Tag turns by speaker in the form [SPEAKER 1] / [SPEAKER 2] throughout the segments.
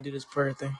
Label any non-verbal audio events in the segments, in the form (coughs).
[SPEAKER 1] do this prayer thing.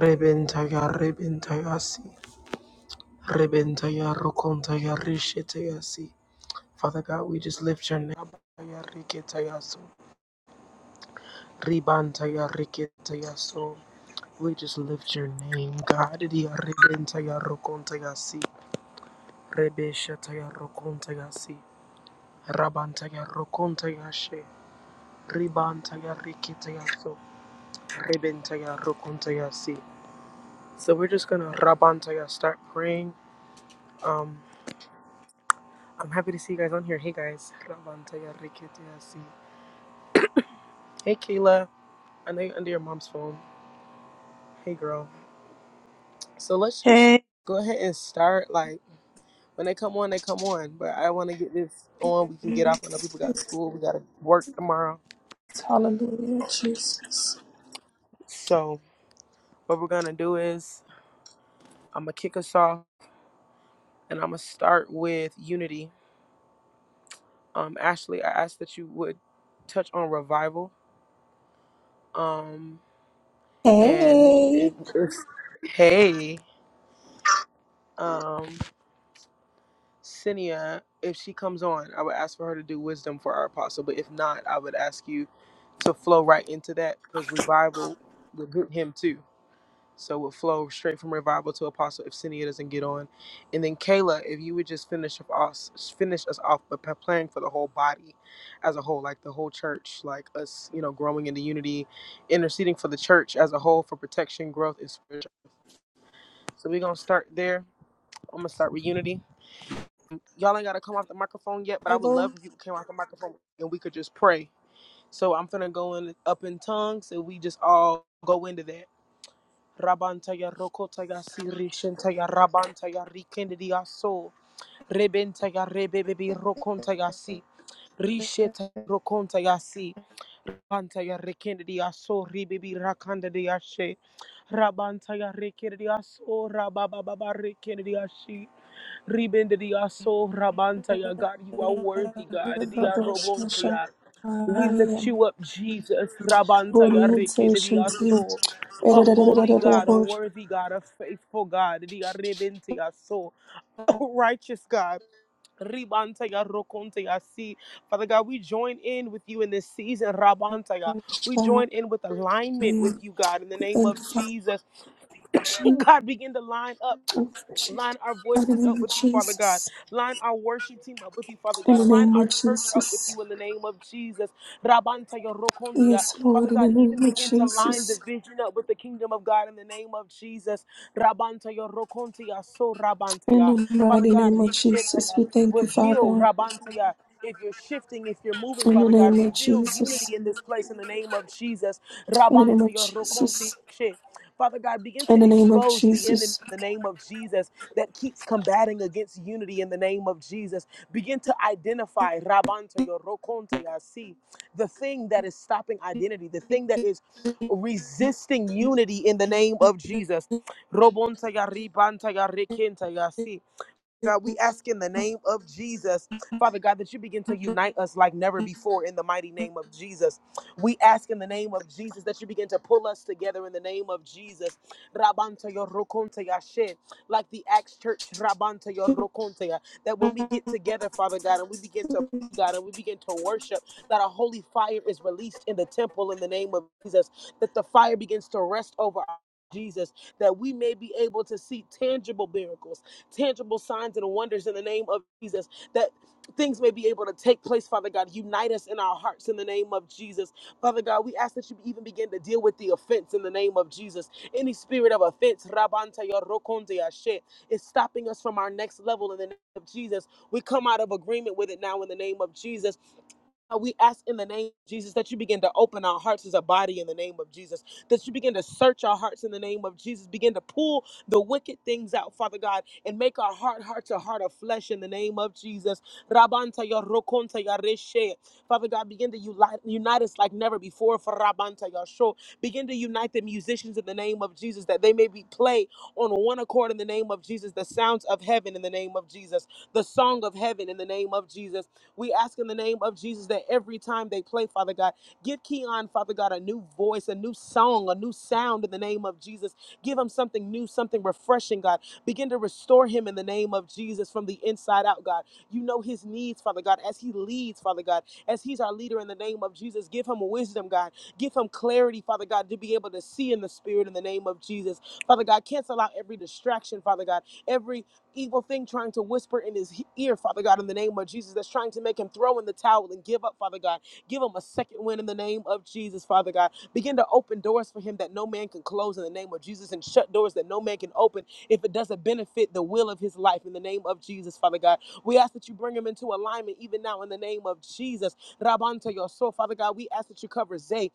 [SPEAKER 1] Rebentaya, rebentayasi, rebentaya, rokontaya, rishetayasi. Father God, we just lift your name. Abaya, riketayaso, ribantaya, riketayaso. We just lift your name, God. Dia, rebentaya, rokontayasi, rebeshataya, rokontayasi, rabantaya, rokontayashe, ribantaya, riketayaso, rebentaya, rokontayasi. So we're just gonna Rabantaya start praying. Um, I'm happy to see you guys on here. Hey guys, Rabantaya Rikitiasi. Hey Kayla, I know you're under your mom's phone. Hey girl. So let's just
[SPEAKER 2] Hey.
[SPEAKER 1] go ahead and start. Like when they come on, they come on. But I want to get this on. We can get off. I know people got school. We gotta work tomorrow.
[SPEAKER 3] Hallelujah, Jesus.
[SPEAKER 1] So what we're gonna do is I'm gonna kick us off, and I'm gonna start with unity. Um, Ashley, I asked that you would touch on revival. Um, and
[SPEAKER 3] Hey,
[SPEAKER 1] if, if Hey, um, Cinia, if she comes on, I would ask for her to do wisdom for our apostle. But if not, I would ask you to flow right into that because revival will hit him too. So we'll flow straight from revival to apostle if Cinia doesn't get on. And then Kayla, if you would just finish of us finish us off, but p- praying for the whole body as a whole, like the whole church, like us, you know, growing into unity, interceding for the church as a whole for protection, growth, and spiritual. So we're gonna start there. I'm gonna start with unity. y'all ain't gotta come off the microphone yet, but I would love
[SPEAKER 3] Bible,
[SPEAKER 1] if you came off the microphone and we could just pray. So I'm finna go in up in tongues and we just all go into that. Rabantaya rokotaya sirishentaya rabantaya rikendia so rebentaya rebebebi rokontaya si risheta rokontaya si Rabanta ya rekendedi aso ribibi rakanda de ashe. Rabanta ya rekendedi aso rabababa rekendedi ashi. Ribendedi aso rabanta ya God, you are worthy,
[SPEAKER 3] the
[SPEAKER 1] God. Di
[SPEAKER 3] Bible,
[SPEAKER 1] arobonta
[SPEAKER 3] Shasha,
[SPEAKER 1] ya. We lift you up, Jesus. Rabanta ya rekendedi
[SPEAKER 3] orientation to
[SPEAKER 1] aso. A holy God, a worthy God, a faithful God. Di arebente aso, (coughs) so. Righteous God. Ribanta ya rokonte ya si. Father God, we join in with you in this season, Rabantaya. We join in with alignment with you, God, in the name of
[SPEAKER 3] Thank
[SPEAKER 1] Jesus. (coughs) (laughs) God, begin to line up.
[SPEAKER 3] you,
[SPEAKER 1] Line our voices up
[SPEAKER 3] Father.
[SPEAKER 1] with you, Father God.
[SPEAKER 3] Jesus.
[SPEAKER 1] Line our worship team up with you, Father
[SPEAKER 3] In
[SPEAKER 1] God.
[SPEAKER 3] the
[SPEAKER 1] Line
[SPEAKER 3] name of Jesus. In the name
[SPEAKER 1] our
[SPEAKER 3] of
[SPEAKER 1] church up with
[SPEAKER 3] Jesus.
[SPEAKER 1] you in the name of Jesus. Rabantaya Rokondia.
[SPEAKER 3] Yes,
[SPEAKER 1] Father
[SPEAKER 3] Lord, in the
[SPEAKER 1] God,
[SPEAKER 3] name
[SPEAKER 1] even
[SPEAKER 3] of
[SPEAKER 1] begin to line the
[SPEAKER 3] Jesus.
[SPEAKER 1] vision up with the kingdom of God in the name of Jesus. Rabantaya Rokondia. So
[SPEAKER 3] In
[SPEAKER 1] Rabantaya.
[SPEAKER 3] the
[SPEAKER 1] Father
[SPEAKER 3] mighty
[SPEAKER 1] God,
[SPEAKER 3] name of Jesus,
[SPEAKER 1] Rishetaya.
[SPEAKER 3] we thank you,
[SPEAKER 1] Reveal
[SPEAKER 3] Father.
[SPEAKER 1] Rabantaya. If you're shifting, if you're moving,
[SPEAKER 3] In the
[SPEAKER 1] Father God,
[SPEAKER 3] name of
[SPEAKER 1] reveal
[SPEAKER 3] Jesus.
[SPEAKER 1] unity in this place in the name of Jesus.
[SPEAKER 3] In the name
[SPEAKER 1] Rabanta
[SPEAKER 3] of Jesus.
[SPEAKER 1] yorokonti she. Father God, begin
[SPEAKER 3] In
[SPEAKER 1] to
[SPEAKER 3] the name of
[SPEAKER 1] expose the enemy
[SPEAKER 3] Jesus.
[SPEAKER 1] in the name of Jesus that keeps combating against unity in the name of Jesus. Begin to identify Rabanta yorokonte yasi, the thing that is stopping identity, the thing that is resisting unity in the name of Jesus. Robonta yaribanta yarikenta yasi. God, we ask in the name of Jesus, Father God, that you begin to unite us like never before in the mighty name of Jesus. We ask in the name of Jesus that you begin to pull us together in the name of Jesus. Rabanta yo rokonte Like the Acts Church, Rabanta yo ya, that when we get together, Father God, and we begin to pray, God and we begin to worship, that a holy fire is released in the temple in the name of Jesus, that the fire begins to rest over our Jesus, that we may be able to see tangible miracles tangible signs and wonders in the name of Jesus, that things may be able to take place, Father God. Unite us in our hearts in the name of Jesus. Father God, we ask that you even begin to deal with the offense in the name of Jesus. Any spirit of offense, Rabanta Yorokonte Yashe, is stopping us from our next level in the name of Jesus. We come out of agreement with it now in the name of Jesus we ask in the name of Jesus that you begin to open our hearts as a body in the name of Jesus, that you begin to search our hearts in the name of Jesus, begin to pull the wicked things out, Father God, and make our heart hearts a heart of flesh in the name of Jesus. Rabanta ya rokonta ya reshe. Father God, begin to uni- unite us like never before for Rabanta ya sho. Begin to unite the musicians in the name of Jesus that they may be play on one accord in the name of Jesus, the sounds of heaven in the name of Jesus, the song of heaven in the name of Jesus. We ask in the name of Jesus that every time they play, Father God, give Keon, Father God, a new voice, a new song, a new sound in the name of Jesus. Give him something new, something refreshing, God. Begin to restore him in the name of Jesus from the inside out, God. You know his needs, Father God, as he leads, Father God, as he's our leader in the name of Jesus. Give him wisdom, God. Give him clarity, Father God, to be able to see in the spirit in the name of Jesus. Father God, cancel out every distraction, Father God, every evil thing trying to whisper in his ear, Father God, in the name of Jesus, that's trying to make him throw in the towel and give up, Father God. Give him a second win in the name of Jesus, Father God. Begin to open doors for him that no man can close in the name of Jesus and shut doors that no man can open if it doesn't benefit the will of his life in the name of Jesus, Father God. We ask that you bring him into alignment even now in the name of Jesus. Rabanta your soul, Father God. We ask that you cover Zay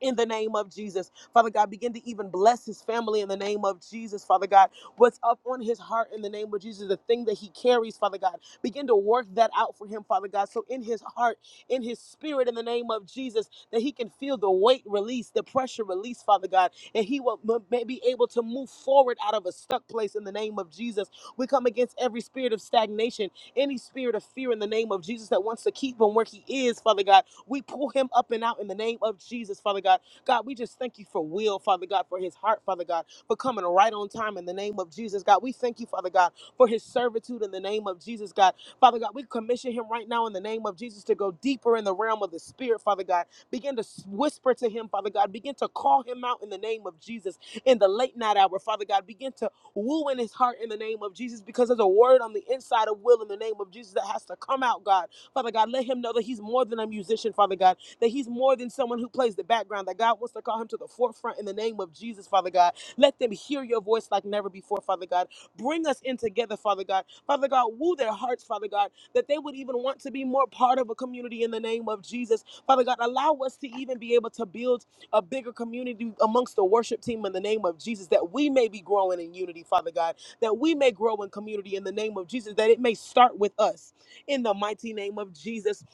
[SPEAKER 1] in the name of Jesus. Father God, begin to even bless his family in the name of Jesus. Father God, what's up on his heart in the name of Jesus, the thing that he carries, Father God, begin to work that out for him, Father God. So in his heart, in his spirit, in the name of Jesus, that he can feel the weight release, the pressure release, Father God, and he will m- may be able to move forward out of a stuck place in the name of Jesus. We come against every spirit of stagnation, any spirit of fear in the name of Jesus that wants to keep him where he is, Father God we pull him up and out in the name of Jesus, Father God. God, we just thank you for Will, Father God, for his heart, Father God, for coming right on time in the name of Jesus, God. We thank you, Father God, for his servitude in the name of Jesus, God. Father God, we commission him right now in the name of Jesus to go deeper in the realm of the Spirit, Father God. Begin to whisper to him, Father God. Begin to call him out in the name of Jesus in the late night hour, Father God. Begin to woo in his heart in the name of Jesus because there's a word on the inside of Will in the name of Jesus that has to come out, God Father God, let him know that he's more than a musician, Father God, that he's more than someone who plays the background, that God wants to call him to the forefront in the name of Jesus, Father God. Let them hear your voice like never before, Father God. Bring us in together, Father God. Father God, woo their hearts, Father God, that they would even want to be more part of a community in the name of Jesus. Father God, allow us to even be able to build a bigger community amongst the worship team in the name of Jesus, that we may be growing in unity, Father God, that we may grow in community in the name of Jesus, that it may start with us in the mighty name of Jesus.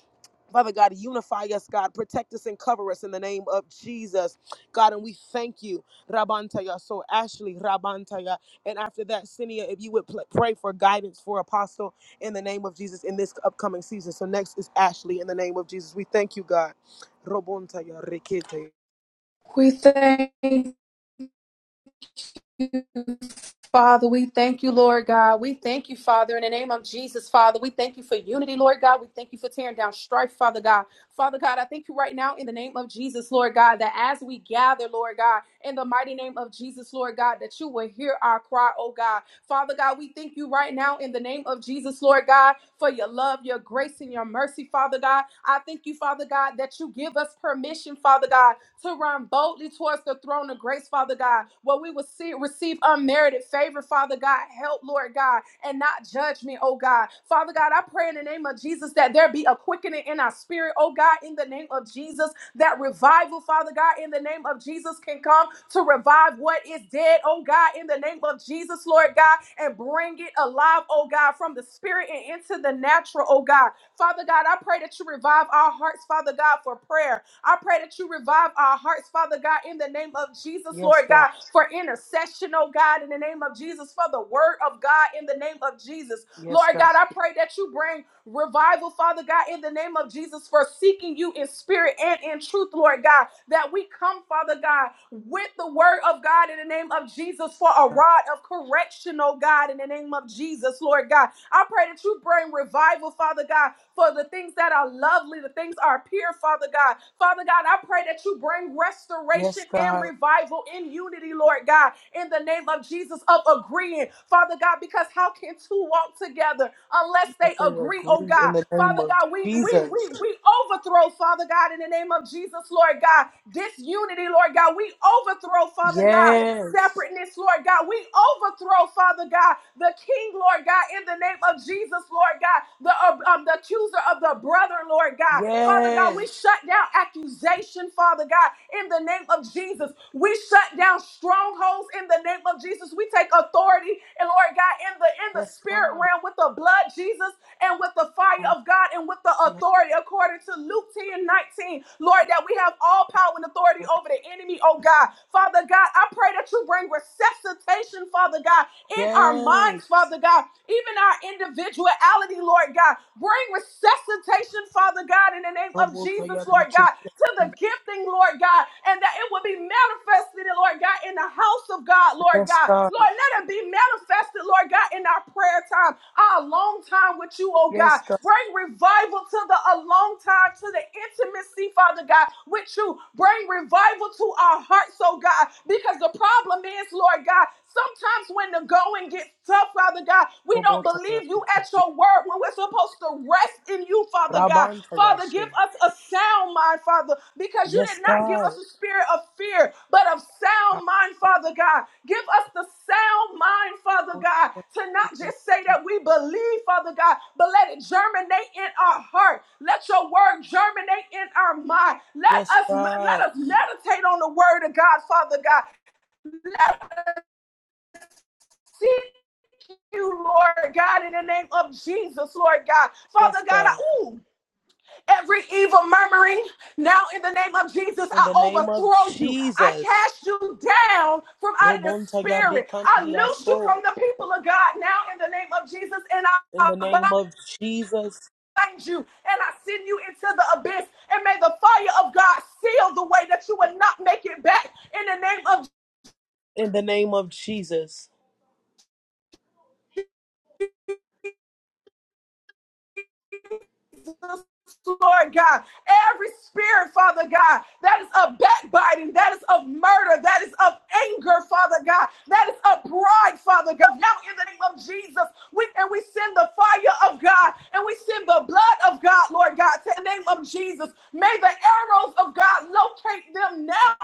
[SPEAKER 1] Father God, unify us, God. Protect us and cover us in the name of Jesus. God, and we thank you. Rabantaya. So, Ashley, Rabantaya. And after that, Sinia, if you would pl- pray for guidance for Apostle in the name of Jesus in this upcoming season. So, next is Ashley in the name of Jesus. We thank you, God. Robontaya, Rekete.
[SPEAKER 3] We thank you, Father. We thank you, Lord God. We thank you, Father, in the name of Jesus, Father. We thank you for unity, Lord God. We thank you for tearing down strife, Father God. Father God, I thank you right now in the name of Jesus, Lord God, that as we gather, Lord God, in the mighty name of Jesus, Lord God, that you will hear our cry, oh God. Father God, we thank you right now in the name of Jesus, Lord God, for your love, your grace, and your mercy, Father God. I thank you, Father God, that you give us permission, Father God, to run boldly towards the throne of grace, Father God, where we will see receive unmerited favor, Father God, help, Lord God, and not judgment, oh God. Father God, I pray in the name of Jesus that there be a quickening in our spirit, oh God, in the name of Jesus that revival, Father God, in the name of Jesus can come to revive what is dead, oh God, in the name of Jesus, Lord God, and bring it alive, oh God, from the spirit and into the natural, oh God. Father God, I pray that you revive our hearts, Father God, for prayer. I pray that you revive our hearts, Father God, in the name of Jesus,
[SPEAKER 1] Yes,
[SPEAKER 3] Lord
[SPEAKER 1] God.
[SPEAKER 3] God, for intercession, oh God, in the name of Jesus, for the word of God, in the name of Jesus.
[SPEAKER 1] Yes,
[SPEAKER 3] Lord
[SPEAKER 1] God.
[SPEAKER 3] God, I pray that you bring revival, Father God, in the name of Jesus, for seeking you in spirit and in truth, Lord God, that we come, Father God, with the word of God in the name of Jesus for a rod of correction, oh God, in the name of Jesus, Lord God, I pray that you bring revival, Father God, for the things that are lovely, the things are pure, Father God. Father God, I pray that you bring
[SPEAKER 1] Yes,
[SPEAKER 3] restoration and
[SPEAKER 1] God.
[SPEAKER 3] revival in unity, Lord God, in the name of Jesus, of agreeing, Father God, because how can two walk together unless they
[SPEAKER 1] Yes, and we
[SPEAKER 3] agree, oh
[SPEAKER 1] agree in
[SPEAKER 3] God?
[SPEAKER 1] the name
[SPEAKER 3] Father
[SPEAKER 1] of
[SPEAKER 3] God, we we
[SPEAKER 1] Jesus.
[SPEAKER 3] we we overthrow, Father God, in the name of Jesus, Lord God, disunity, Lord God. We overthrow, Father God,
[SPEAKER 1] Yes.
[SPEAKER 3] separateness, Lord God. We overthrow, Father God, the king, Lord God, in the name of Jesus, Lord God, the, uh, um, the accuser of the brother, Lord God. Father God, we
[SPEAKER 1] Yes.
[SPEAKER 3] shut down accusation, Father God, in the name of Jesus. We shut down strongholds in the name of Jesus. We take authority, and Lord God, in the in the
[SPEAKER 1] Yes,
[SPEAKER 3] spirit
[SPEAKER 1] God.
[SPEAKER 3] realm with the blood, Jesus, and with the fire of God and with the authority according to Luke 10 19, Lord, that we have all power and authority authority over the enemy, oh God. Father God, I pray that you bring resuscitation, Father God, in our
[SPEAKER 1] Yes,
[SPEAKER 3] minds, Father God, even our individuality, Lord God. Bring resuscitation, Father God, in the name of Jesus,
[SPEAKER 1] Robotaya
[SPEAKER 3] Lord
[SPEAKER 1] Rikiti.
[SPEAKER 3] God, to the gifting, Lord God, and that it will be manifested, Lord God, in the house of God, Lord
[SPEAKER 1] Yes,
[SPEAKER 3] God.
[SPEAKER 1] God.
[SPEAKER 3] Lord, let it be manifested invested, Lord God, in our prayer time, our long time with you, oh God.
[SPEAKER 1] Yes, God.
[SPEAKER 3] Bring revival to the alone time, to the intimacy, Father God, with you. Bring revival to our hearts, oh God, because the problem is, Lord God, sometimes when the going gets tough, Father God, we don't
[SPEAKER 1] Robotaya
[SPEAKER 3] believe you at
[SPEAKER 1] Rikiti.
[SPEAKER 3] your word when we're supposed to rest in you, Father God.
[SPEAKER 1] Rabantaya
[SPEAKER 3] Father, give
[SPEAKER 1] She.
[SPEAKER 3] us a sound mind, Father, because you
[SPEAKER 1] Yes,
[SPEAKER 3] did not give
[SPEAKER 1] God.
[SPEAKER 3] us a spirit of fear, but of sound mind, Father God. Give us the sound mind, Father God,
[SPEAKER 1] Rabotaya
[SPEAKER 3] to not just say
[SPEAKER 1] Rikiti.
[SPEAKER 3] that we believe, Father God, but let it germinate in our heart. Let your word germinate in our mind. Let
[SPEAKER 1] Yes,
[SPEAKER 3] us
[SPEAKER 1] God.
[SPEAKER 3] let us meditate on the word of God, Father God. Seek you, Lord God, in the name of Jesus, Lord God.
[SPEAKER 1] Yes,
[SPEAKER 3] Father God, I,
[SPEAKER 1] God.
[SPEAKER 3] ooh, Every evil murmuring, now in the name of Jesus,
[SPEAKER 1] In
[SPEAKER 3] I
[SPEAKER 1] the name of
[SPEAKER 3] overthrow you. I
[SPEAKER 1] Jesus.
[SPEAKER 3] cast you down from out of the
[SPEAKER 1] Robontaya
[SPEAKER 3] spirit. I
[SPEAKER 1] Rikandia
[SPEAKER 3] loose you
[SPEAKER 1] So.
[SPEAKER 3] from the people of God now in the name of Jesus, and
[SPEAKER 1] In
[SPEAKER 3] I
[SPEAKER 1] the name
[SPEAKER 3] bind
[SPEAKER 1] of Jesus.
[SPEAKER 3] you and I send you into the abyss. And may the fire of God seal the way that you will not make it back in the name of
[SPEAKER 1] In the name of Jesus.
[SPEAKER 3] Lord God, every spirit, Father God, that is of backbiting, that is of murder, that is of anger, Father God, that is of pride, Father God. Now, in the name of Jesus, we and we send the fire of God and we send the blood of God, Lord God, to the name of Jesus. May the arrows of God locate them now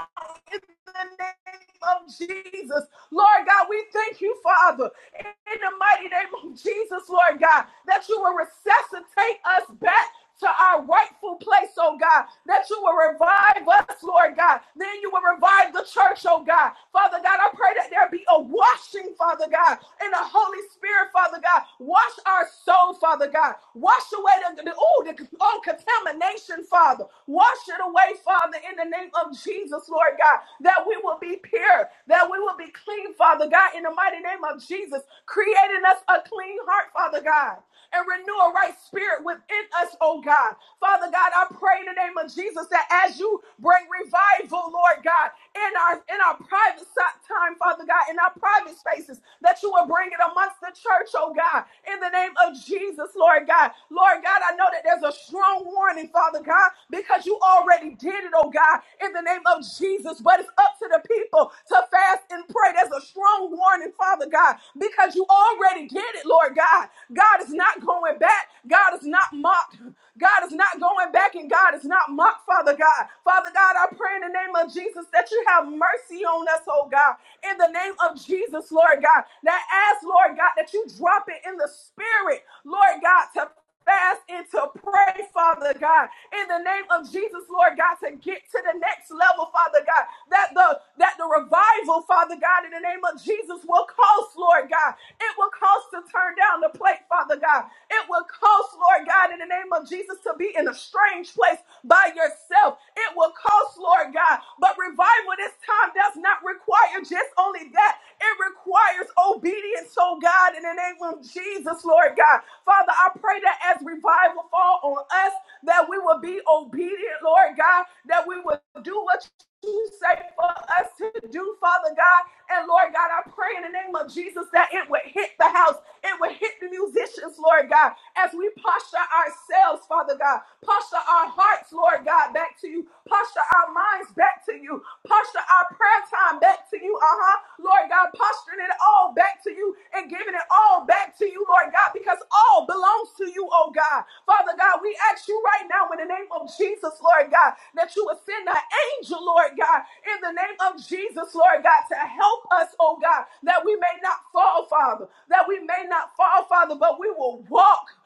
[SPEAKER 3] in the name of Jesus. Lord God, we thank you, Father, in the mighty name of Jesus, Lord God, that you will resuscitate us back. To our rightful place, oh God, that you will revive us, Lord God. Then you will revive the church, oh God. Father God, I pray that there be a washing, Father God, in the Holy Spirit, Father God. Wash our soul, Father God. Wash away the, the, ooh, the all contamination nation, Father. Wash it away, Father, in the name of Jesus, Lord God, that we will be pure, that we will be clean, Father God, in the mighty name of Jesus, creating us a clean heart, Father God and renew a right spirit within us, oh God. Father God, I pray in the name of Jesus that as you bring revival, Lord God, in our in our private si- time, Father God, in our private spaces, that you will bring it amongst the church, oh God, in the name of Jesus. Jesus, Lord God. Lord God, I know that there's a strong warning, Father God, because you already did it, oh God, in the name of Jesus. But it's up to the people to fast and pray. There's a strong warning, Father God, because you already did it, Lord God. God is not going back. God is not mocked. God is not going back and God is not mocked, Father God. Father God, I pray in the name of Jesus that you have mercy on us, oh God. In the name of Jesus, Lord God. God, that ask, Lord God, that you drop it in the spirit, Lord God, to fast and to pray, Father God, in the name of Jesus, Lord God, to get to the next level, Father God, that the that the revival, Father God, in the name of Jesus will cost, Lord God. It will cost to turn down the plate, Father God. It will cost, Lord God, in the name of Jesus, to be in a strange place by yourself. It will cost, Lord God. But revival this time does not require just only that. It requires obedience, oh God, in the name of Jesus, Lord God. Father, I pray that as revival fall on us, that we will be obedient, Lord God, that we will do what you say for us to do, Father God. And Lord God, I pray in the name of Jesus that it would hit the house, it would hit the musicians, Lord God, as we posture ourselves, Father God, posture our hearts, Lord God, back to you, posture our minds back to you, posture our prayer time back to you, uh huh, Lord God, posturing it it all back to you and giving it all back to you, Lord God, because all belongs to you, oh God. Father God, we ask you right now in the name of Jesus, Lord God, that you would send an angel, Lord God, in the name of Jesus, Lord God, to help us, oh God, that we may not fall, Father, that we may not fall, Father, but we will walk.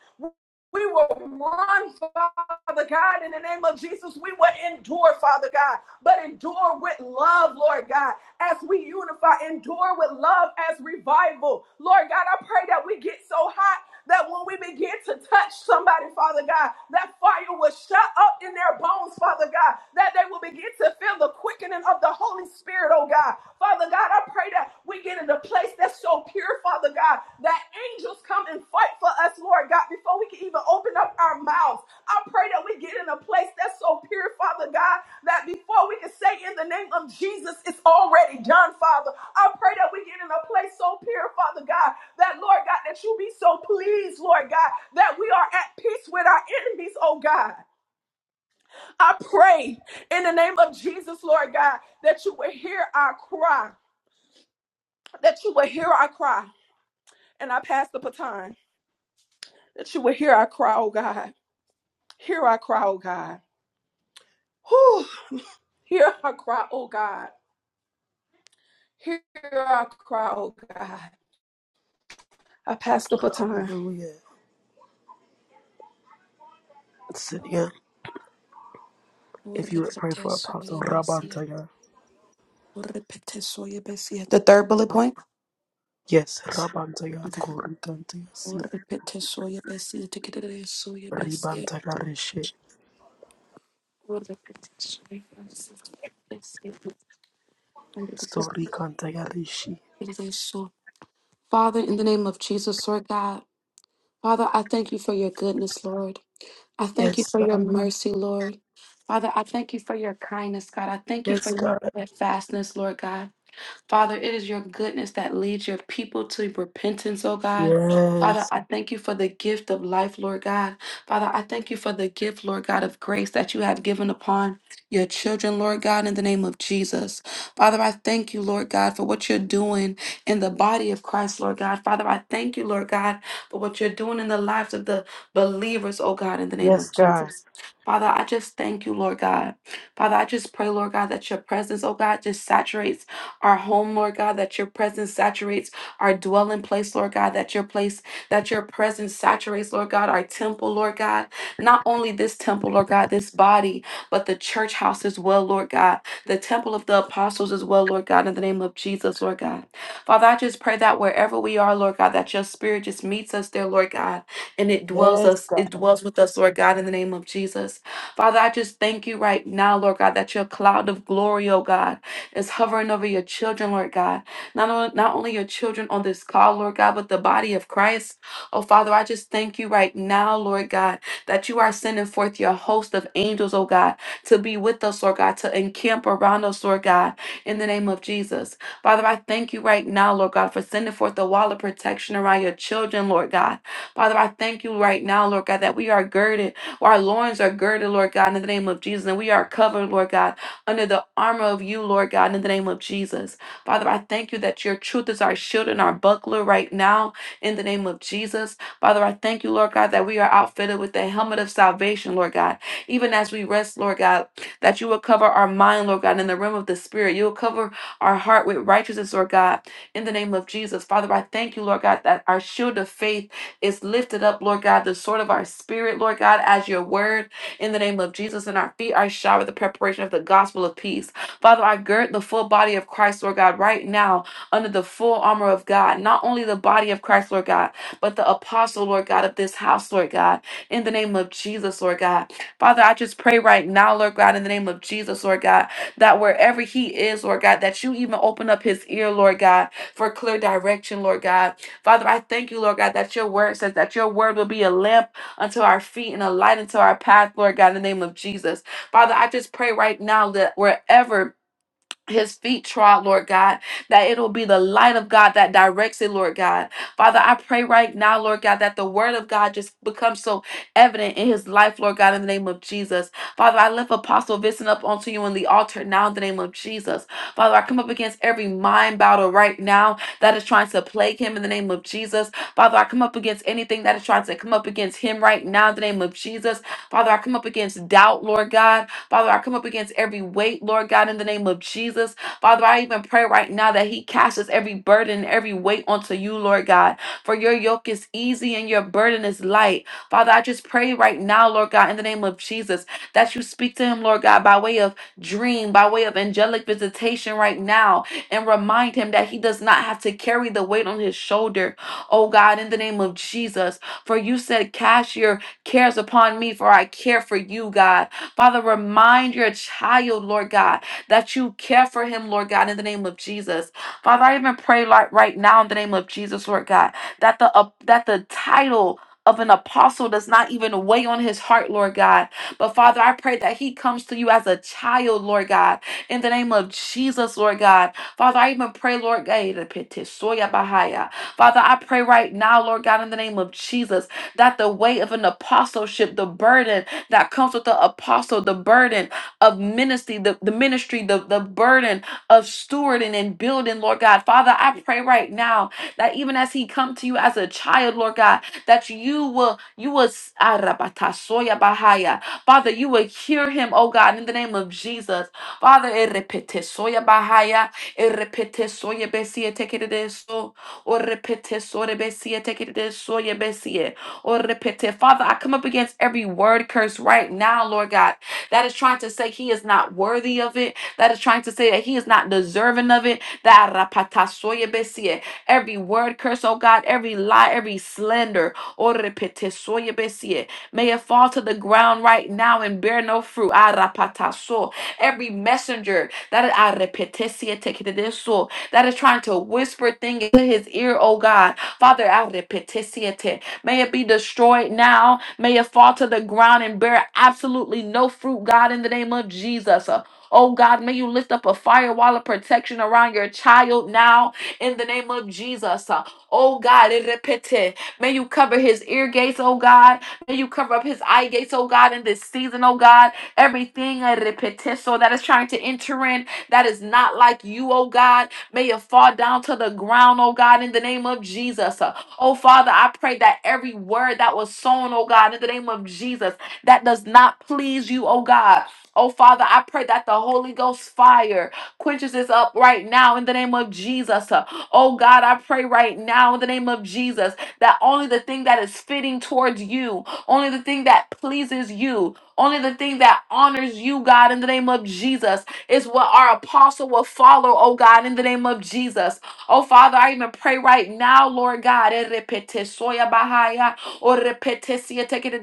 [SPEAKER 3] We will run, Father God, in the name of Jesus. We will endure, Father God, but endure with love, Lord God, as we unify, endure with love as revival. Lord God, I pray that we get so hot that when we begin to touch somebody, Father God, that fire will shut up in their bones, Father God, that they will begin to feel the quickening of the Holy Spirit, oh God. Father God, I I pray that we get in a place that's so pure, Father God, that angels come and fight for us, Lord God, before we can even open up our mouths. I pray that we get in a place that's so pure, Father God, that before we can say in the name of Jesus, it's already done, Father. I pray that we get in a place so pure, Father God, that Lord God, that you be so pleased, Lord God, that we are at peace with our enemies, oh God. I pray in the name of Jesus, Lord God, that you will hear our cry that you would hear our cry. And I pass the baton, that you would hear our cry, oh God. Hear our cry, oh God. Whew. Hear our cry, oh God. Hear our cry, oh God. I pass the baton.
[SPEAKER 1] Hallelujah. Sidia, if you would pray
[SPEAKER 4] Urrepete
[SPEAKER 1] for Apostle
[SPEAKER 4] soye besie.
[SPEAKER 1] Rabantaya.
[SPEAKER 4] Urrepete soye besie. The third bullet point?
[SPEAKER 1] Yes, Rabantaya
[SPEAKER 4] Okay.
[SPEAKER 1] Korikantaya Si
[SPEAKER 4] Urrepete soye besie. Tikere soye besie.
[SPEAKER 1] Ribantaya Rishi
[SPEAKER 4] Urrepete soye besie.
[SPEAKER 1] Sorikantaya Rishi.
[SPEAKER 4] Tikere so. Father, in the name of Jesus, Lord God, Father, I thank you for your goodness, Lord. I thank you
[SPEAKER 1] Yes,
[SPEAKER 4] for your
[SPEAKER 1] God.
[SPEAKER 4] mercy, Lord. Father, I thank you for your kindness, God. I thank you for
[SPEAKER 1] Yes,
[SPEAKER 4] your
[SPEAKER 1] God.
[SPEAKER 4] steadfastness, Lord God. Father, it is your goodness that leads your people to repentance, oh God. Father,
[SPEAKER 1] Yes.
[SPEAKER 4] I thank you for the gift of life, Lord God. Father, I thank you for the gift, Lord God, of grace that you have given upon your children, Lord God, in the name of Jesus. Father, I thank you, Lord God, for what you're doing in the body of Christ, Lord God. Father, I thank you, Lord God, for what you're doing in the lives of the believers, oh God, in the name
[SPEAKER 1] Yes,
[SPEAKER 4] of
[SPEAKER 1] God.
[SPEAKER 4] Jesus. Father, I just thank you, Lord God. Father, I just pray, Lord God, that your presence, oh God, just saturates our home, Lord God, that your presence saturates our dwelling place, Lord God, that your place, that your presence saturates, Lord God, our temple, Lord God. Not only this temple, Lord God, this body, but the church house as well, Lord God. The temple of the apostles as well, Lord God, in the name of Jesus, Lord God. Father, I just pray that wherever we are, Lord God, that your spirit just meets us there, Lord God, and it dwells
[SPEAKER 1] Yes,
[SPEAKER 4] us,
[SPEAKER 1] God.
[SPEAKER 4] it dwells with us, Lord God, in the name of Jesus. Father, I just thank you right now, Lord God, that your cloud of glory, oh God is hovering over your children, Lord God. Not, on, not only your children on this call, Lord God, but the body of Christ. Oh, Father, I just thank you right now, Lord God, that you are sending forth your host of angels, oh God, to be with us, Lord God, to encamp around us, Lord God, in the name of Jesus. Father, I thank you right now, Lord God, for sending forth the wall of protection around your children, Lord God. Father, I thank you right now, Lord God, that we are girded, our loins are girded, Lord God, in the name of Jesus, and we are covered, Lord God under the armor of you, Lord God, in the name of Jesus. Father, I thank you that your truth is our shield and our buckler right now, in the name of Jesus. Father, I thank you, Lord God, that we are outfitted with the helmet of salvation, Lord God. Even as we rest, Lord God, that you will cover our mind, Lord God, in the realm of the Spirit. You will cover our heart with righteousness, Lord God, in the name of Jesus. Father, I thank you, Lord God, that our shield of faith is lifted up, Lord God, the sword of our spirit, Lord God, as your word. In the name of Jesus, and our feet are shod with the preparation of the gospel of peace. Father, I gird the full body of Christ, Lord God, right now under the full armor of God. Not only the body of Christ, Lord God, but the apostle, Lord God, of this house, Lord God. In the name of Jesus, Lord God. Father, I just pray right now, Lord God, in the name of Jesus, Lord God, that wherever he is, Lord God, that you even open up his ear, Lord God, for clear direction, Lord God. Father, I thank you, Lord God, that your word says that your word will be a lamp unto our feet and a light unto our path, Lord God, in the name of Jesus. Father, I just pray right now that wherever his feet trod, Lord God, that it'll be the light of God that directs it, Lord God. Father, I pray right now, Lord God, that the word of God just becomes so evident in his life, Lord God, in the name of Jesus. Father, I lift Apostle Vincent up onto you in the altar now in the name of Jesus. Father, I come up against every mind battle right now that is trying to plague him in the name of Jesus. Father, I come up against anything that is trying to come up against him right now in the name of Jesus. Father, I come up against doubt, Lord God. Father, I come up against every weight, Lord God, in the name of Jesus. Father, I even pray right now that He casts every burden, every weight onto you, Lord God. For your yoke is easy and your burden is light. Father, I just pray right now, Lord God, in the name of Jesus, that you speak to Him, Lord God, by way of dream, by way of angelic visitation right now, and remind Him that He does not have to carry the weight on His shoulder. Oh God, in the name of Jesus, for you said, Cast your cares upon me, for I care for you, God. Father, remind your child, Lord God, that you care for him, Lord God, in the name of Jesus. Father, I even pray like right now in the name of Jesus, Lord God, that the uh, that the title of an apostle does not even weigh on his heart, Lord God. But Father, I pray that he comes to you as a child, Lord God, in the name of Jesus, Lord God. Father, I even pray, Lord God, eh, repete, soya bahaya. Father, I pray right now, Lord God, in the name of Jesus, that the weight of an apostleship, the burden, that comes with the apostle, the burden of ministry, the, the ministry, the, the burden of stewarding and building, Lord God. Father, I pray right now that even as he come to you as a child, Lord God, that you will, you will, Arabatasoya bahaya. Father, you will hear him, oh God, in the name of Jesus. Father, erepetesoya bahaya, erepetesoya besie tekeredeso, orepetesoya besie tekeredesoya besie or repete. Father, I come up against every word curse right now, Lord God, that is trying to say he is not worthy of it, that is trying to say that he is not deserving of it. That rapata soye besie. Every word curse, oh God, every lie, every slander, or repete soye besie. May it fall to the ground right now and bear no fruit. Ah, rapata so. Every messenger that ah, repete sie tekede so, that is trying to whisper things into his ear, oh God. Father, I repete May it be destroyed now. May it fall to the ground and bear absolutely no fruit, God, in the name of Jesus. Uh, Oh God, may you lift up a firewall of protection around your child now in the name of Jesus. Uh, Oh God, it repete. may you cover his ear gates, oh God. May you cover up his eye gates, oh God, in this season, oh God. Everything uh, repete, so that is trying to enter in that is not like you, oh God. May it fall down to the ground, oh God, in the name of Jesus. Uh, Oh, Father, I pray that every word that was sown, oh God, in the name of Jesus, that does not please you, oh God. Oh, Father, I pray that the Holy Ghost fire quenches this up right now in the name of Jesus. Uh, Oh, God, I pray right now in the name of Jesus that only the thing that is fitting towards you, only the thing that pleases you, only the thing that honors you, God, in the name of Jesus, is what our apostle will follow, oh God, in the name of Jesus. Oh, Father, I even pray right now, Lord God, eh, repete soya bahaya, or repete siye teke de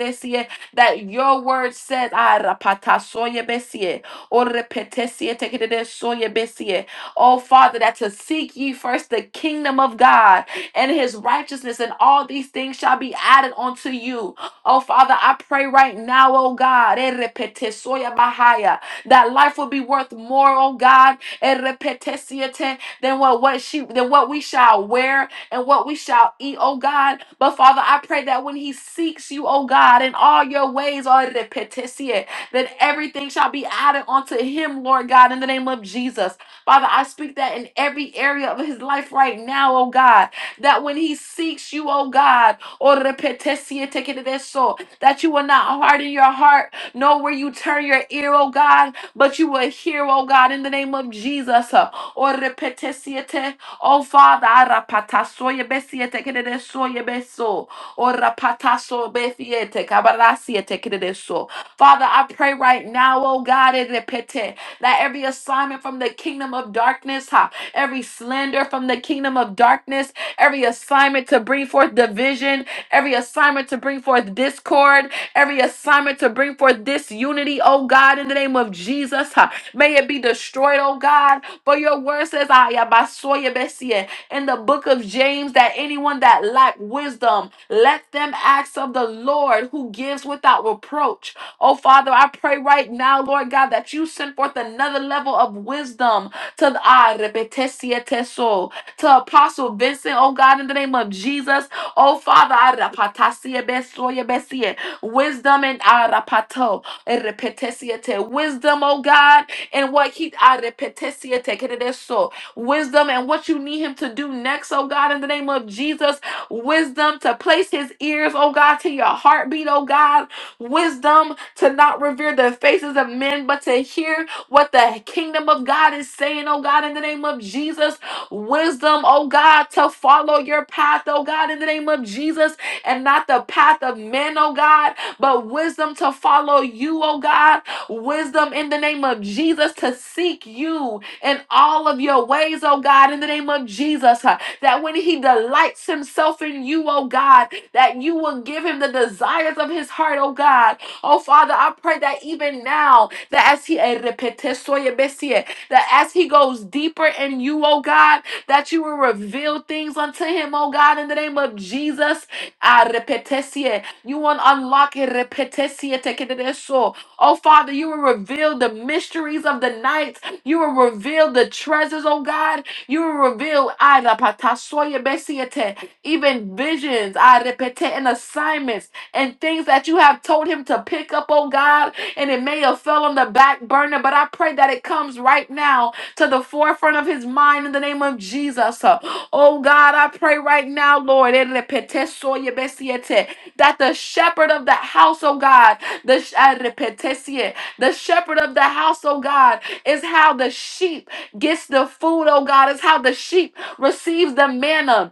[SPEAKER 4] that your word says, ah, rapata soya besie, or repete siye teke de soya besie. oh, Father, that to seek ye first the kingdom of God and his righteousness, and all these things shall be added unto you. Oh, Father, I pray right now, oh God, eh, repete soya bahaya, that life will be worth more, oh God, eh, repete siye te, than what, what she than what we shall wear and what we shall eat, oh God. But Father, I pray that when he seeks you, oh God, in all your ways, all the petition, that everything shall be added unto him, Lord God, in the name of Jesus. Father, I speak that in every area of his life right now, oh God, that when he seeks you, oh God, or the petition, take it to their soul, that you will not harden your heart, nor will you turn your ear, oh God, but you will hear, oh God, in the name of Jesus. O repete siete. Oh Father, arapata soye besiete kedede soye beso. O rapata so befiete kabara siete kedede so. Father, I pray right now, oh God, it repete that every assignment from the kingdom of darkness, ha, every slander from the kingdom of darkness, every assignment to bring forth division, every assignment to bring forth discord, every assignment to bring forth disunity, oh God, in the name of Jesus, ha, may it be destroyed, oh God for your word says, "Ah, ya basoya besie," in the book of James, that anyone that lack wisdom, let them ask of the Lord who gives without reproach. Oh, Father, I pray right now, Lord God, that you send forth another level of wisdom to the ah, repetesie teso, to Apostle Vincent, oh God, in the name of Jesus. Oh, Father, I rapatasie besoya besie, wisdom and ah, rapato, eh, repetesie te, wisdom, oh God and what he arepetesia tekereso wisdom and what you need him to do next, oh God, in the name of Jesus. Wisdom to place his ears, oh God, to your heartbeat, oh God. Wisdom to not revere the faces of men, but to hear what the kingdom of God is saying, oh God, in the name of Jesus. Wisdom, oh God, to follow your path, oh God, in the name of Jesus, and not the path of men, oh God, but wisdom to follow you, oh God wisdom in the name of Jesus to seek you in all of your ways, oh God, in the name of Jesus. huh, That when he delights himself in you, oh God, that you will give him the desires of his heart, oh God. Oh Father, I pray that even now, that as he eh, repete soye besie, that as he goes deeper in you, oh God, that you will reveal things unto him, oh God, in the name of Jesus. Ah, repete sie. You will unlock eh, repete sie te kede de so. Oh, Father, you will reveal the mysteries of the night. You will reveal the treasures, oh God. You will reveal ay, la patasoya besiete, even visions, I repete, and assignments and things that you have told him to pick up, oh God. And it may have fell on the back burner, but I pray that it comes right now to the forefront of his mind in the name of Jesus. Uh, Oh God, I pray right now, Lord, eh, repete soya besiete, that the shepherd of the house, oh God, the, sh- ah, repetesie. the shepherd of the house, oh God, is how the sheep gets the food, oh God, is how the sheep receives the manna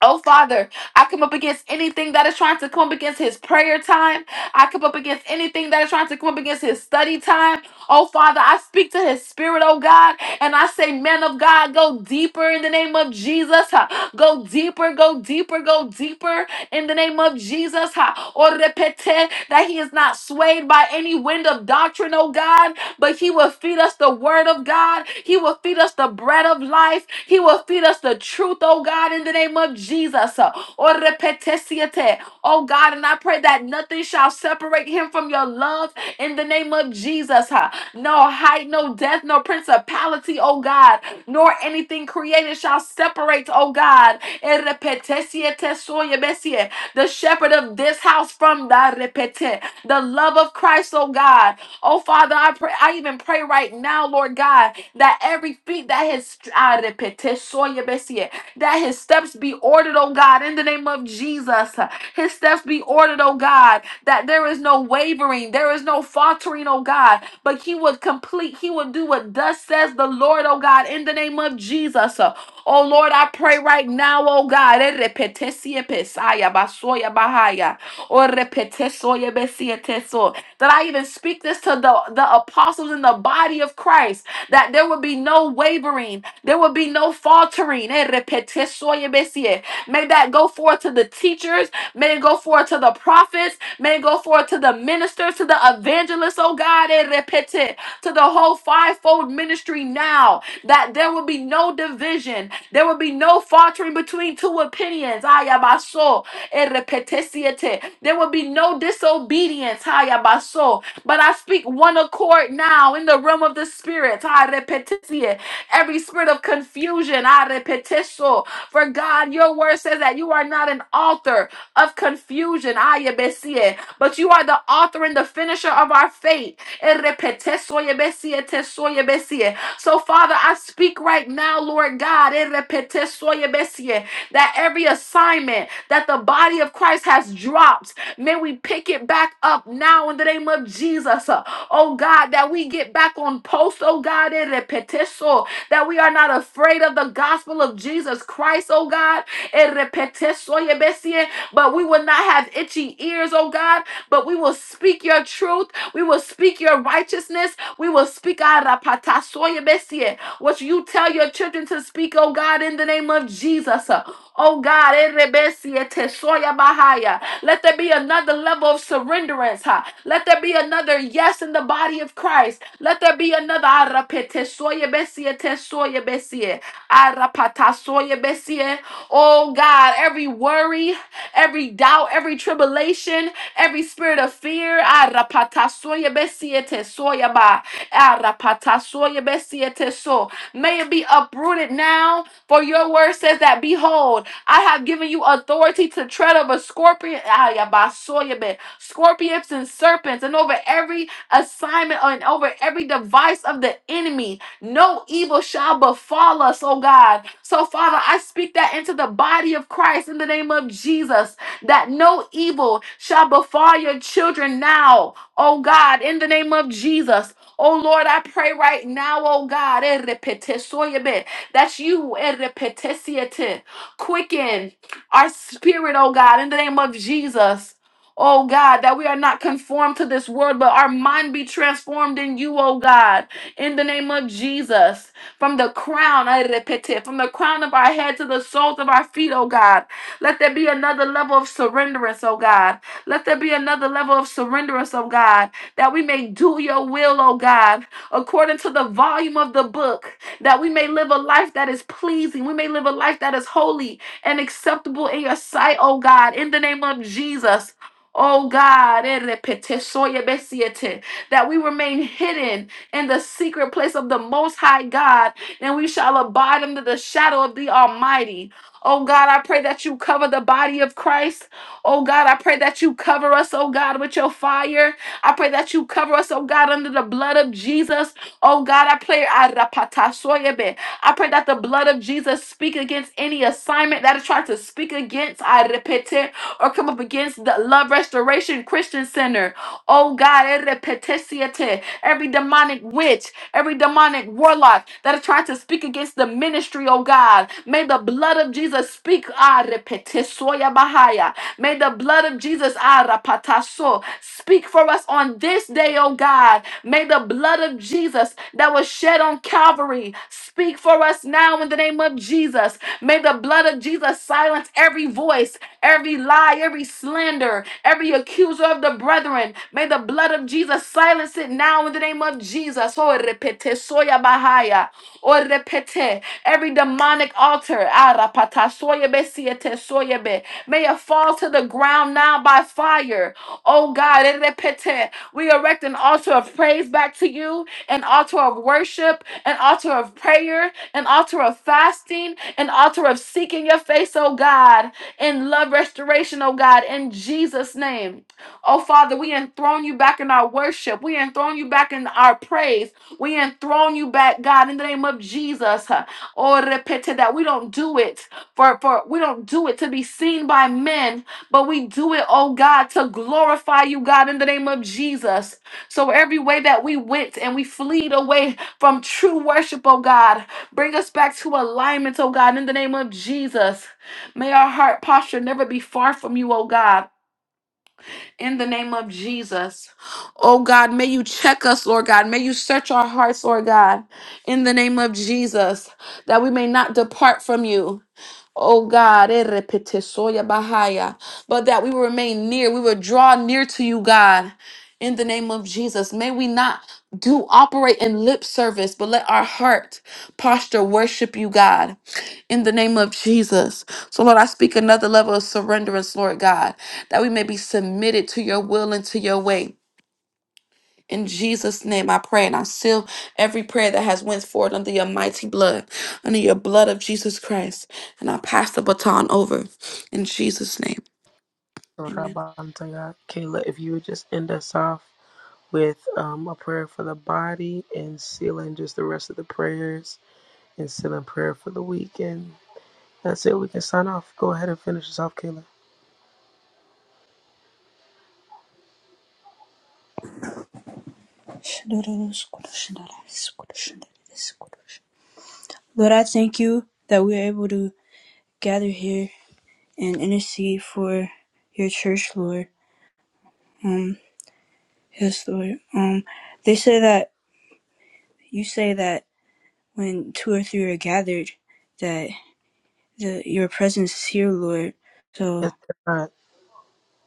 [SPEAKER 4] Oh, Father, I come up against anything that is trying to come up against his prayer time. I come up against anything that is trying to come up against his study time. Oh, Father, I speak to his spirit, oh God, and I say, man of God, go deeper in the name of Jesus. Ha. Go deeper, go deeper, go deeper in the name of Jesus. Ha. Or repete that he is not swayed by any wind of doctrine, oh God but He will feed us the word of God. He will feed us the bread of life. He will feed us the truth, oh God, in the name of Jesus. Oh repetesiete. Oh God, and I pray that nothing shall separate Him from your love in the name of Jesus. huh? No height, no death, no principality, oh God, nor anything created shall separate, oh God. Eh, repetesiete soyebesie. The shepherd of this house from the repete, the love of Christ, oh God. Oh, Father, I pray. I even pray right now, Lord God, that every feet that has that his steps be ordered, oh God, in the name of Jesus. His steps be ordered, oh God, that there is no wavering, there is no faltering, oh God, but he would complete, he would do what thus says the Lord, oh God, in the name of Jesus. Oh Lord, I pray right now, oh God, eh, repetesie pesaya basoya bahaya, oh repetesoye besieteso that I even speak this to the, the apostles in the body of Christ, that there would be no wavering, there would be no faltering. Eh, repete soy ebesie. May that go forth to the teachers, may it go forth to the prophets, may it go forth to the ministers, to the evangelists, oh God, eh, repete, to the whole fivefold ministry now, that there will be no division, there will be no faltering between two opinions. Ayabaso Erepetesiete. There will be no disobedience. Hayabaso. But I speak one accord now in the realm of the spirit. Harepetesie. Every spirit of confusion. Harepeteso. For God, your word says that you are not an author of confusion. Hayabesie. But you are the author and the finisher of our faith. Erepetesoyebesie, tesoyebesie. So, Father, I speak right now, Lord God, erepetesoyebesie, that every assignment that the body of Christ has dropped. May we pick it back up now in the name of Jesus. Uh, Oh God, that we get back on post, oh God, in repetiso, that we are not afraid of the gospel of Jesus Christ, oh God. in repetiso, but we will not have itchy ears, oh God, but we will speak your truth. We will speak your righteousness. We will speak arapatasoyebesie, what you tell your children to speak, oh God, in the name of Jesus. Oh God, erebesie tesoyabahaya. let there be another level of surrenderance. huh? Let there be another yes in the body of Christ. Let there be another arapetesoyebesie tesoyebesie, arapatasoyebesie. oh God, every worry, every doubt, every tribulation, every spirit of fear. Arapatasoya besiete soya ba. Arapatasoya besiete so. May it be uprooted now, for your word says that, Behold, I have given you authority to tread over scorpion, ayabasoya be, scorpions and serpents, and over every assignment and over every device of the enemy. No evil shall befall us, oh God. So, Father, I speak that into the body of Christ in the name of Jesus, that no evil shall befall your children now, oh God, in the name of Jesus. Oh Lord, I pray right now, oh God, eh, repete, soyebe, that you eh, repete, siete, quicken our spirit, oh God, in the name of Jesus. Oh God, that we are not conformed to this world, but our mind be transformed in you, oh God in the name of Jesus. From the crown, I repeat it, from the crown of our head to the soles of our feet, oh God. Let there be another level of surrenderance, oh God. Let there be another level of surrenderance, oh God, that we may do your will, oh God, according to the volume of the book, that we may live a life that is pleasing. We may live a life that is holy and acceptable in your sight, oh God, in the name of Jesus. Oh God, eh, repete, soye besiete, that we remain hidden in the secret place of the Most High God, and we shall abide under the shadow of the Almighty. Oh God, I pray that you cover the body of Christ. Oh God, I pray that you cover us, oh God, with your fire. I pray that you cover us, oh God, under the blood of Jesus. Oh God, I pray. Arapatasoyebe. I pray that the blood of Jesus speak against any assignment that is trying to speak against, I repeat it, or come up against the Love Restoration Christian Center. Oh God, erepetesiete every demonic witch, every demonic warlock that are trying to speak against the ministry, oh God. May the blood of Jesus speak. Ah, repetisoya bahaya. May the blood of Jesus ah, rapataso, speak for us on this day, oh God. May the blood of Jesus that was shed on Calvary speak for us now in the name of Jesus. May the blood of Jesus silence every voice every lie, every slander, every accuser of the brethren. May the blood of Jesus silence it now in the name of Jesus. Oh, repete soya bahaya. Oh, repete every demonic altar. Ah, rapata soya be siete soya be. May it fall to the ground now by fire. Oh God, eh, repete. we erect an altar of praise back to you, an altar of worship, an altar of prayer, an altar of fasting, an altar of seeking your face, oh God and love restoration, oh God, in Jesus' name. Oh Father, we enthrone you back in our worship. We enthrone you back in our praise. We enthrone you back, God, in the name of Jesus. Oh, repete that we don't do it for, for we don't do it to be seen by men, but we do it, oh God, to glorify you, God, in the name of Jesus. So every way that we went and we fleed away from true worship, oh God, bring us back to alignment, oh God, in the name of Jesus. May our heart posture never be far from you, oh God, in the name of Jesus. Oh God, may you check us, Lord God. May you search our hearts, Lord God, in the name of Jesus, that we may not depart from you. Oh God, eh, repetisoya bahaya, but that we will remain near. We will draw near to you, God, in the name of Jesus. May we not do operate in lip service, but let our heart posture worship you, God, in the name of Jesus. So, Lord, I speak another level of surrenderance, Lord God, that we may be submitted to your will and to your way. In Jesus' name I pray and I seal every prayer that has went forward under your mighty blood, under your blood of Jesus Christ. And I pass the baton over in Jesus' name.
[SPEAKER 1] So
[SPEAKER 4] Amen.
[SPEAKER 1] Rabantaya Kayla, if you would just end us off with um, a prayer for the body and sealing just the rest of the prayers and sealing prayer for the weekend. That's it. We can sign off. Go ahead and finish us off, Kayla.
[SPEAKER 2] Lord, I thank you that we are able to gather here and intercede for your church, Lord. Um, yes, Lord. Um, they say that you say that when two or three are gathered, that the, your presence is here, Lord.
[SPEAKER 1] Yes,
[SPEAKER 2] So
[SPEAKER 1] God.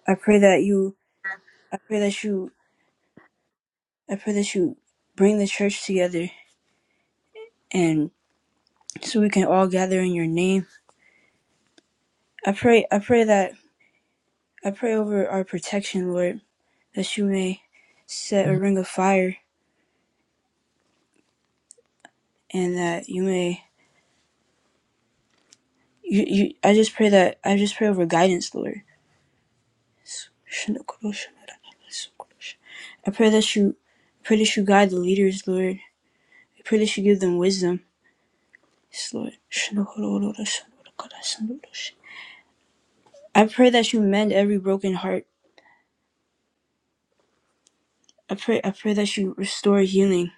[SPEAKER 2] I pray that you, I pray that you, I pray that you bring the church together and so we can all gather in your name. I pray, I pray that I pray over our protection, Lord, that you may set a ring of fire and that you may you, you I just pray that I just pray over guidance, Lord. I pray that you I pray that you guide the leaders, Lord. I pray that you give them wisdom. Yes, Lord. I pray that you mend every broken heart. I pray I pray that you restore healing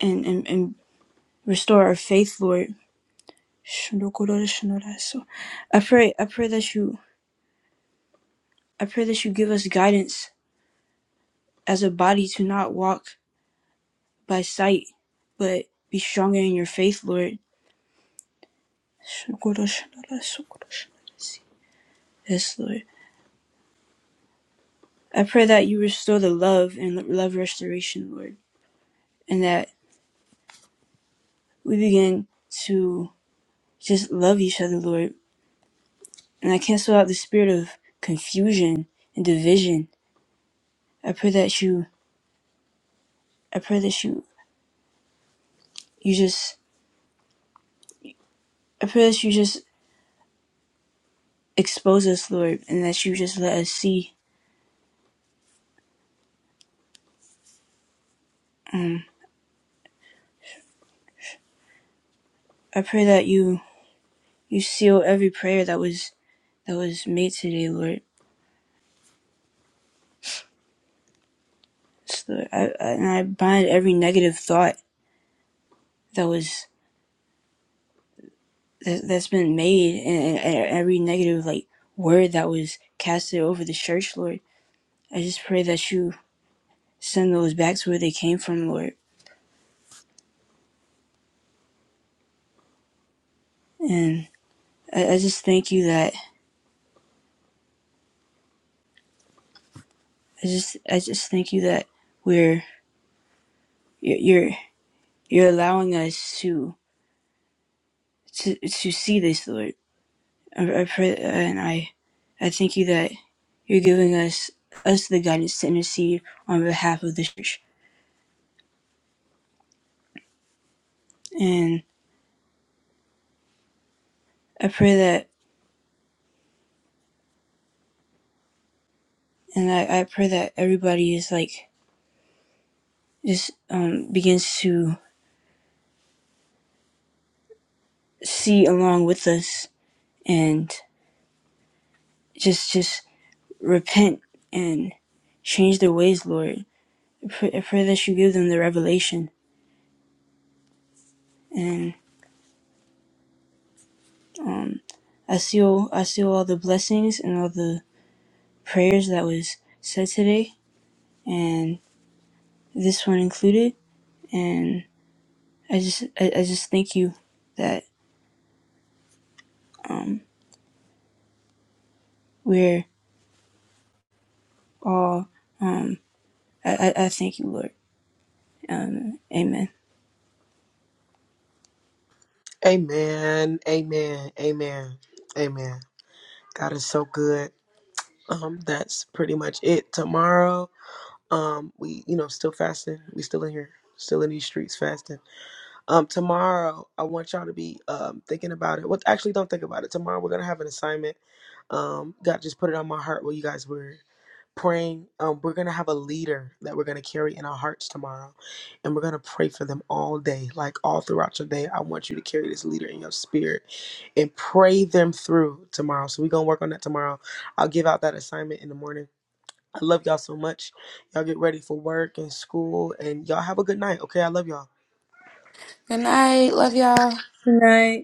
[SPEAKER 2] and, and, and restore our faith, Lord. Shandokoroshinoraso. I pray, I pray that you, I pray that you give us guidance as a body to not walk by sight, but be stronger in your faith, Lord. Shandokoroshinoraso, Yes, Lord. I pray that you restore the love and love restoration, Lord, and that we begin to just love each other, Lord. And I cancel out the spirit of confusion and division. I pray that you, I pray that you, you just, I pray that you just expose us, Lord, and that you just let us see. I pray that you you seal every prayer that was that was made today, Lord. It's the- I, I, and I bind every negative thought that was that, that's been made, and, and every negative like word that was casted over the church, Lord. I just pray that you send those back to where they came from, Lord. And I, I just thank you that I just I just thank you that we are you're you're allowing us to to to see this, Lord I, I pray and I, I thank you that you're giving us us the guidance to intercede on behalf of the church. And I pray that, and I, I pray that everybody is like just um begins to see along with us and just just repent and change their ways, Lord. I pray, I pray that you give them the revelation. And I seal I seal all the blessings and all the prayers that was said today. and. this one included. And I just I, I just thank you that um, we're all um, I, I I thank you, Lord. Um, amen.
[SPEAKER 1] Amen. Amen. Amen. Amen. God is so good. Um, that's pretty much it. Tomorrow, um, we you know still fasting. We still in here, still in these streets fasting. Um, tomorrow I want y'all to be um thinking about it. Well, actually, don't think about it. Tomorrow we're gonna have an assignment. Um, God just put it on my heart. Well, you guys were praying. Um, we're going to have a leader that we're going to carry in our hearts tomorrow. And we're going to pray for them all day, like all throughout your day. I want you to carry this leader in your spirit and pray them through tomorrow. So we're going to work on that tomorrow. I'll give out that assignment in the morning. I love y'all so much. Y'all get ready for work and school, and y'all have a good night. Okay, I love y'all.
[SPEAKER 4] Good night. Love y'all.
[SPEAKER 2] Right.